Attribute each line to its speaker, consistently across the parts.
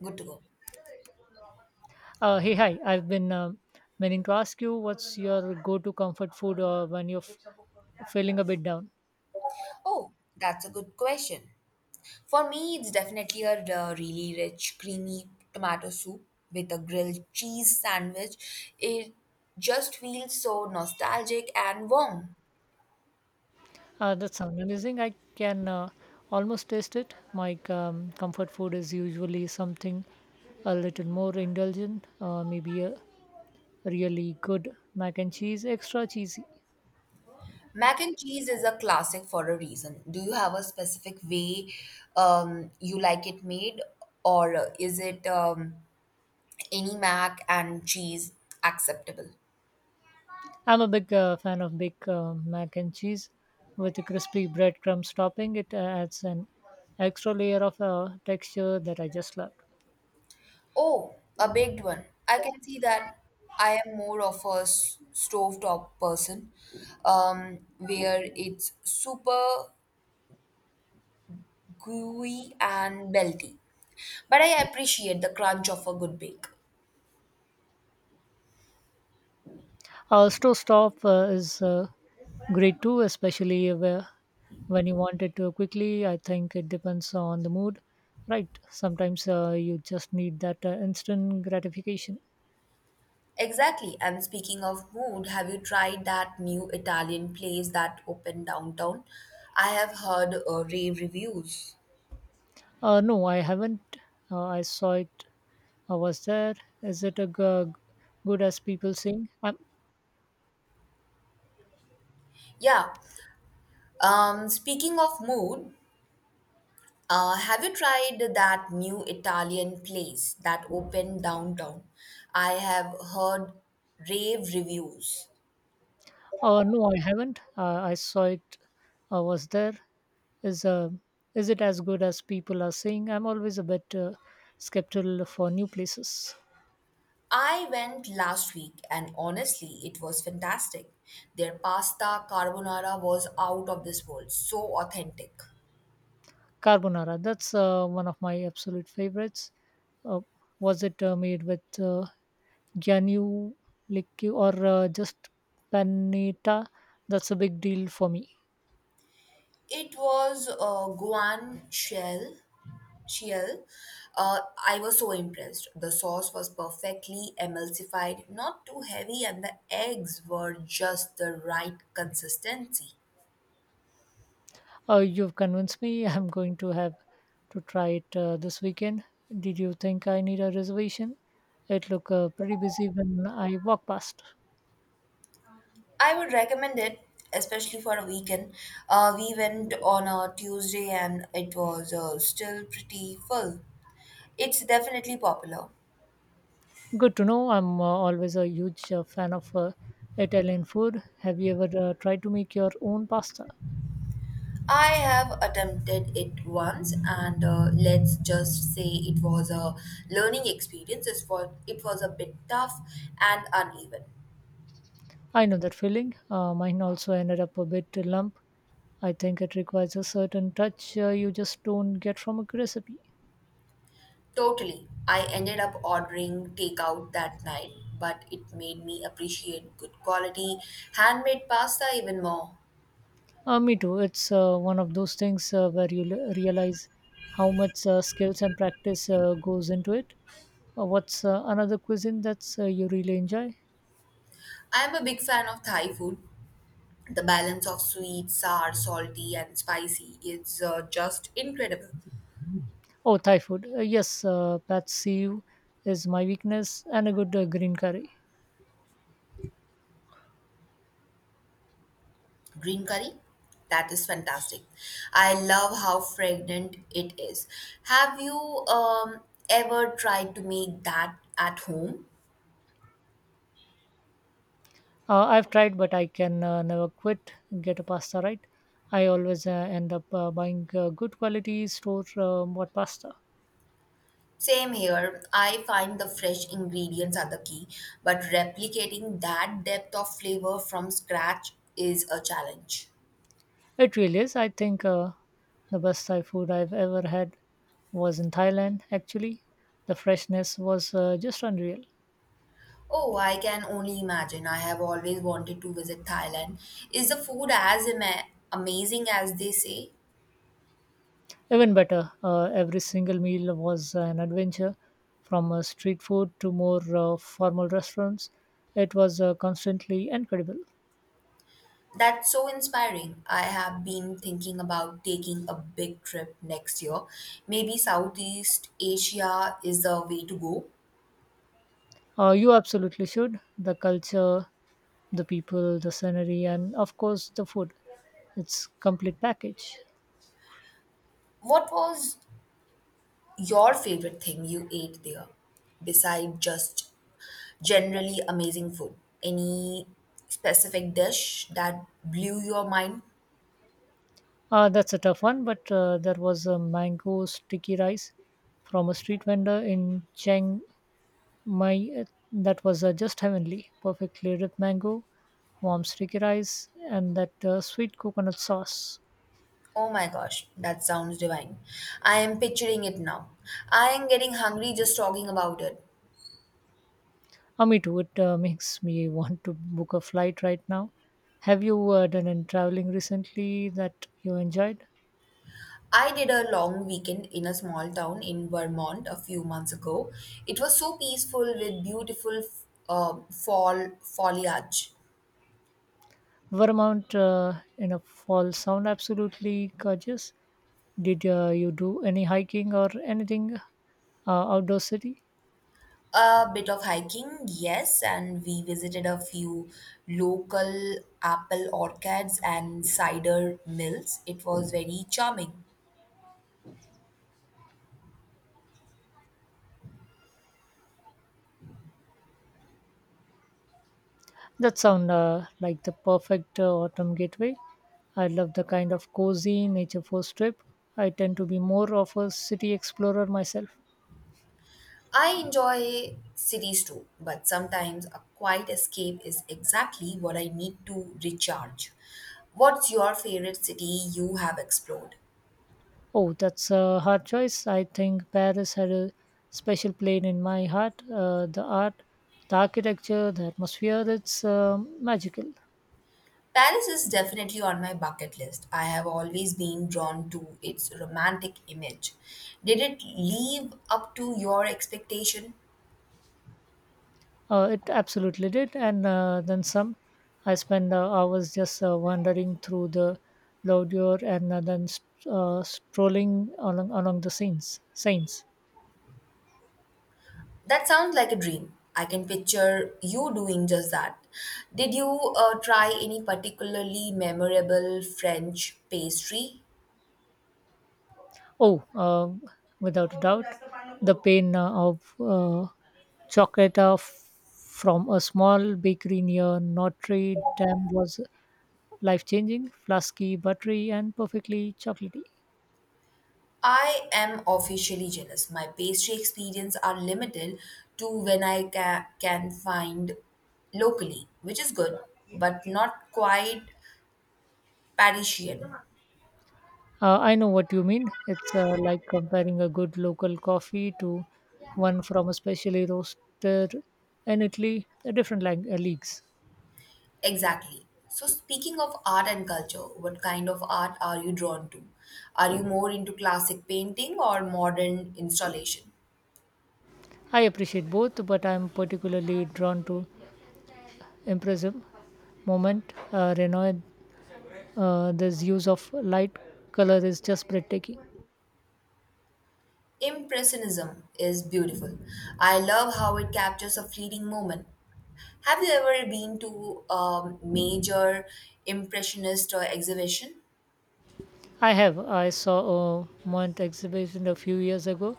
Speaker 1: Good to go.
Speaker 2: Hi. I've been meaning to ask you what's your go to comfort food when you're feeling a bit down?
Speaker 1: Oh, that's a good question. For me, it's definitely a really rich, creamy tomato soup with a grilled cheese sandwich. It just feels so nostalgic and warm.
Speaker 2: That sounds amazing. I can almost taste it. My comfort food is usually something a little more indulgent, maybe a really good mac and cheese, extra cheesy.
Speaker 1: Mac and cheese is a classic for a reason. Do you have a specific way you like it made, or is it any mac and cheese acceptable?
Speaker 2: I'm a big fan of big mac and cheese with a crispy breadcrumbs topping. It adds an extra layer of texture that I just love.
Speaker 1: Oh, a baked one. I can see that I am more of a stovetop person, where it's super gooey and melty. But I appreciate the crunch of a good bake.
Speaker 2: Stove stop is great too, especially where, when you want it to quickly. I think it depends on the mood, right? Sometimes you just need that instant gratification.
Speaker 1: Exactly. And speaking of mood, have you tried that new Italian place that opened downtown? I have heard rave reviews.
Speaker 2: No, I haven't. I saw it. I was there. Is it a good as people saying?
Speaker 1: Yeah. Speaking of mood, have you tried that new Italian place that opened downtown? I have heard rave reviews.
Speaker 2: No, I haven't. I saw it. I was there. Is uh, is it as good as people are saying? I'm always a bit skeptical for new places.
Speaker 1: I went last week and honestly, it was fantastic. Their pasta carbonara was out of this world, so authentic.
Speaker 2: Carbonara, that's one of my absolute favorites. Uh, was it made with Gianluigi or just panetta? That's a big deal for me.
Speaker 1: It was a guan shell Shiel, uh, I was so impressed. The sauce was perfectly emulsified, not too heavy, and the eggs were just the right consistency.
Speaker 2: You've convinced me. I'm going to have to try it this weekend. Did you think I need a reservation? It looked pretty busy when I walked past.
Speaker 1: I would recommend it, especially for a weekend. We went on a Tuesday and it was still pretty full. It's definitely popular.
Speaker 2: Good to know. I'm always a huge fan of Italian food. Have you ever tried to make your own pasta?
Speaker 1: I have attempted it once, and let's just say it was a learning experience. It was a bit tough and uneven.
Speaker 2: I know that feeling. Mine also ended up a bit lump. I think it requires a certain touch you just don't get from a recipe.
Speaker 1: Totally. I ended up ordering takeout that night, but it made me appreciate good quality handmade pasta even more.
Speaker 2: Me too. It's one of those things where you realize how much skills and practice goes into it. What's another cuisine that's you really enjoy?
Speaker 1: I am a big fan of Thai food. The balance of sweet, sour, salty, and spicy is just incredible.
Speaker 2: Oh, Thai food. Yes, pad see ew is my weakness, and a good green curry.
Speaker 1: Green curry? That is fantastic. I love how fragrant it is. Have you um, ever tried to make that at home?
Speaker 2: I've tried, but I can never quit. Get a pasta right. I always end up buying good quality store bought pasta.
Speaker 1: Same here. I find the fresh ingredients are the key, but replicating that depth of flavor from scratch is a challenge.
Speaker 2: It really is. I think the best Thai food I've ever had was in Thailand. Actually, the freshness was just unreal.
Speaker 1: Oh, I can only imagine. I have always wanted to visit Thailand. Is the food as amazing as they say?
Speaker 2: Even better, every single meal was an adventure, from street food to more formal restaurants. It was constantly incredible.
Speaker 1: That's so inspiring. I have been thinking about taking a big trip next year. Maybe Southeast Asia is the way to go.
Speaker 2: You absolutely should. The culture the people, the scenery, and of course the food. It's complete package.
Speaker 1: What was your favorite thing you ate there beside just generally amazing food? Any specific dish that blew your mind?
Speaker 2: That's a tough one, but there was a mango sticky rice from a street vendor in Chiang Mai that was just heavenly. Perfectly ripe mango, warm sticky rice, and that sweet coconut sauce.
Speaker 1: Oh my gosh, that sounds divine. I am picturing it now. I am getting hungry just talking about it.
Speaker 2: Me too. It makes me want to book a flight right now. Have you done any traveling recently that you enjoyed?
Speaker 1: I did a long weekend in a small town in Vermont a few months ago. It was so peaceful with beautiful fall foliage.
Speaker 2: Vermont in a fall sound absolutely gorgeous. Did you do any hiking or anything outdoor city?
Speaker 1: A bit of hiking, yes, and we visited a few local apple orchards and cider mills. It was very charming.
Speaker 2: That sound like the perfect autumn gateway. I love the kind of cozy nature first trip. I tend to be more of a city explorer myself.
Speaker 1: I enjoy cities too, but sometimes a quiet escape is exactly what I need to recharge. What's your favorite city you have explored?
Speaker 2: Oh, that's a hard choice. I think Paris had a special place in my heart. The art, the architecture, the atmosphere, it's magical.
Speaker 1: Paris is definitely on my bucket list. I have always been drawn to its romantic image. Did it live up to your expectation?
Speaker 2: It absolutely did, and then some. I spent hours just wandering through the Laudure and then strolling along the scenes. Saints.
Speaker 1: That sounds like a dream. I can picture you doing just that. Did you try any particularly memorable French pastry?
Speaker 2: Oh, without a doubt, the pain of chocolate from a small bakery near Notre Dame was life changing, flasky, buttery, and perfectly chocolatey.
Speaker 1: I am officially jealous. My pastry experience are limited to when I can find locally, which is good, but not quite Parisian.
Speaker 2: I know what you mean. It's like comparing a good local coffee to one from a specially roaster in Italy, different leagues.
Speaker 1: Exactly. So, speaking of art and culture, what kind of art are you drawn to? Are you more into classic painting or modern installation?
Speaker 2: I appreciate both, but I'm particularly drawn to Impressive Moment Renault. This use of light color is just breathtaking.
Speaker 1: Impressionism is beautiful. I love how it captures a fleeting moment. Have you ever been to a major impressionist exhibition?
Speaker 2: I have. I saw a Mont exhibition a few years ago,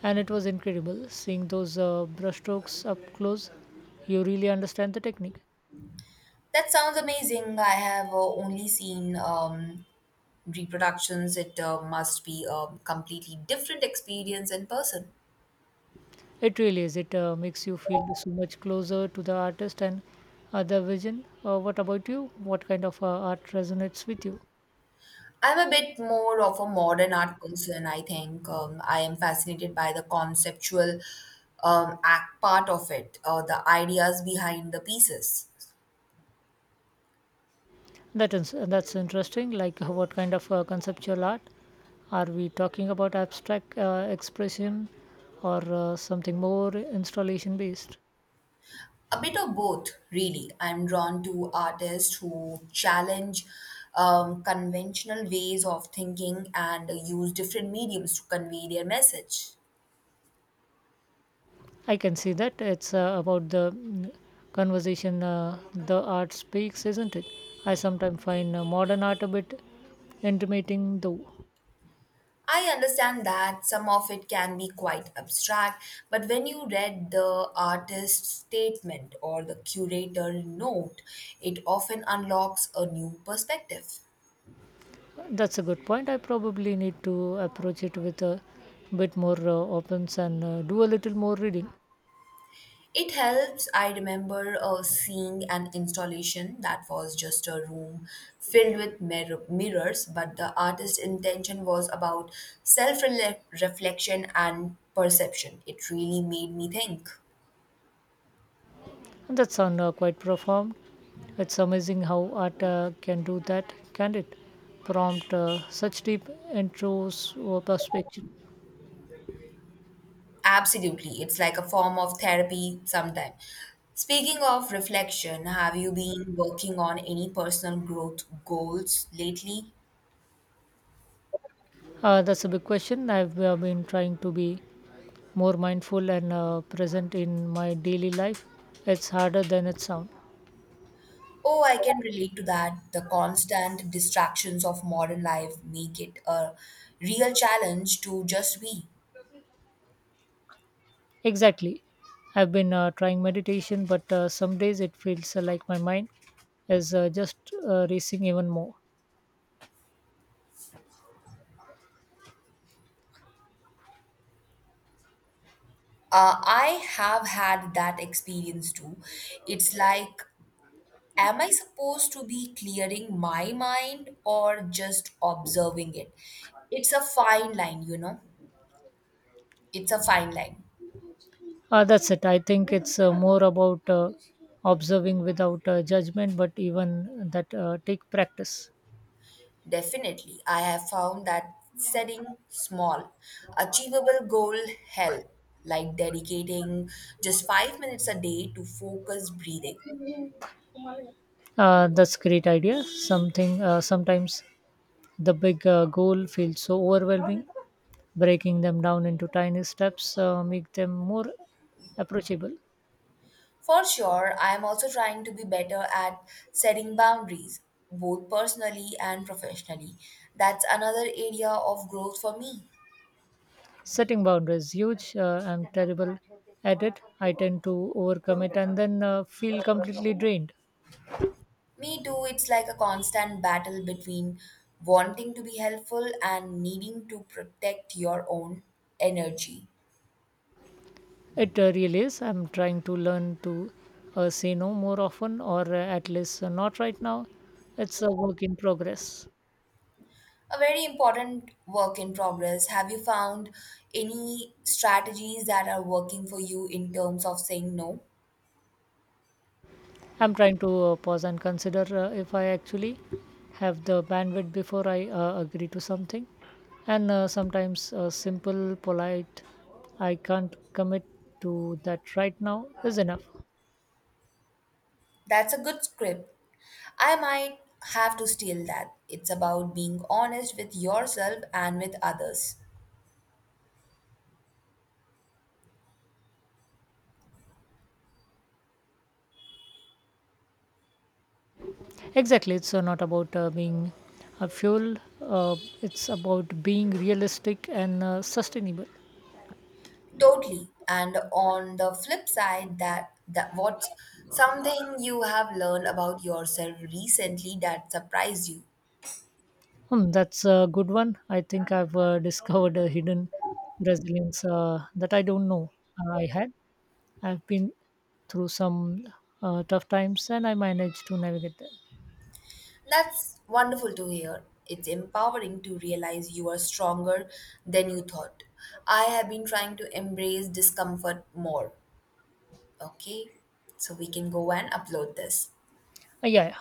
Speaker 2: and it was incredible. Seeing those brushstrokes up close, you really understand the technique.
Speaker 1: That sounds amazing. I have only seen reproductions. It must be a completely different experience in person.
Speaker 2: It really is. It makes you feel so much closer to the artist and the vision. What about you? What kind of art resonates with you?
Speaker 1: I'm a bit more of a modern art person, I think. I am fascinated by the conceptual act part of it, the ideas behind the pieces.
Speaker 2: That is, that's interesting. Like, what kind of conceptual art? Are we talking about abstract expression or something more installation based?
Speaker 1: A bit of both, really. I'm drawn to artists who challenge conventional ways of thinking and use different mediums to convey their message.
Speaker 2: I can see that it's about the conversation the art speaks, isn't it? I sometimes find modern art a bit intimating, though.
Speaker 1: I understand that some of it can be quite abstract, but when you read the artist's statement or the curator note, it often unlocks a new perspective.
Speaker 2: That's a good point. I probably need to approach it with a bit more opens and do a little more reading.
Speaker 1: It helps. I remember seeing an installation that was just a room filled with mirrors, but the artist's intention was about self reflection and perception. It really made me think.
Speaker 2: And that sounds quite profound. It's amazing how art can do that, can't it? Prompt such deep intros or perspective.
Speaker 1: Absolutely. It's like a form of therapy sometimes. Speaking of reflection, have you been working on any personal growth goals lately?
Speaker 2: That's a big question. I've been trying to be more mindful and present in my daily life. It's harder than it sounds.
Speaker 1: Oh, I can relate to that. The constant distractions of modern life make it a real challenge to just be.
Speaker 2: Exactly. I've been trying meditation, but some days it feels like my mind is just racing even more.
Speaker 1: I have had that experience too. It's like, am I supposed to be clearing my mind or just observing it? It's a fine line, you know? It's a fine line.
Speaker 2: That's it. I think it's more about observing without judgment, but even that take practice.
Speaker 1: Definitely. I have found that setting small, achievable goal help, like dedicating just 5 minutes a day to focus breathing.
Speaker 2: That's great idea. Something sometimes the big goal feels so overwhelming. Breaking them down into tiny steps make them more approachable.
Speaker 1: For sure, I am also trying to be better at setting boundaries, both personally and professionally. That's another area of growth for me.
Speaker 2: Setting boundaries huge, I'm terrible at it. I tend to overcome it and then feel completely drained.
Speaker 1: Me too. It's like a constant battle between wanting to be helpful and needing to protect your own energy.
Speaker 2: It really is. I'm trying to learn to say no more often, or at least not right now. It's a work in progress.
Speaker 1: A very important work in progress. Have you found any strategies that are working for you in terms of saying no?
Speaker 2: I'm trying to pause and consider if I actually have the bandwidth before I agree to something, and sometimes simple polite I can't commit to that right now is enough.
Speaker 1: That's a good script. I might have to steal that. It's about being honest with yourself and with others.
Speaker 2: Exactly, it's not about being a fuel. It's about being realistic and sustainable.
Speaker 1: Totally. And on the flip side, that what's something you have learned about yourself recently that surprised you?
Speaker 2: Hmm, that's a good one. I think I've discovered a hidden resilience that I don't know I had. I've been through some tough times and I managed to navigate them.
Speaker 1: That's wonderful to hear. It's empowering to realize you are stronger than you thought. I have been trying to embrace discomfort more. Okay, so we can go and upload this.
Speaker 2: Yeah.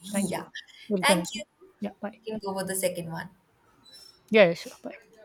Speaker 2: Thank you.
Speaker 1: Yeah,
Speaker 2: We'll
Speaker 1: thank
Speaker 2: connect.
Speaker 1: you.
Speaker 2: Yeah, bye.
Speaker 1: You can go for the second one.
Speaker 2: Yeah, yeah, sure. Bye.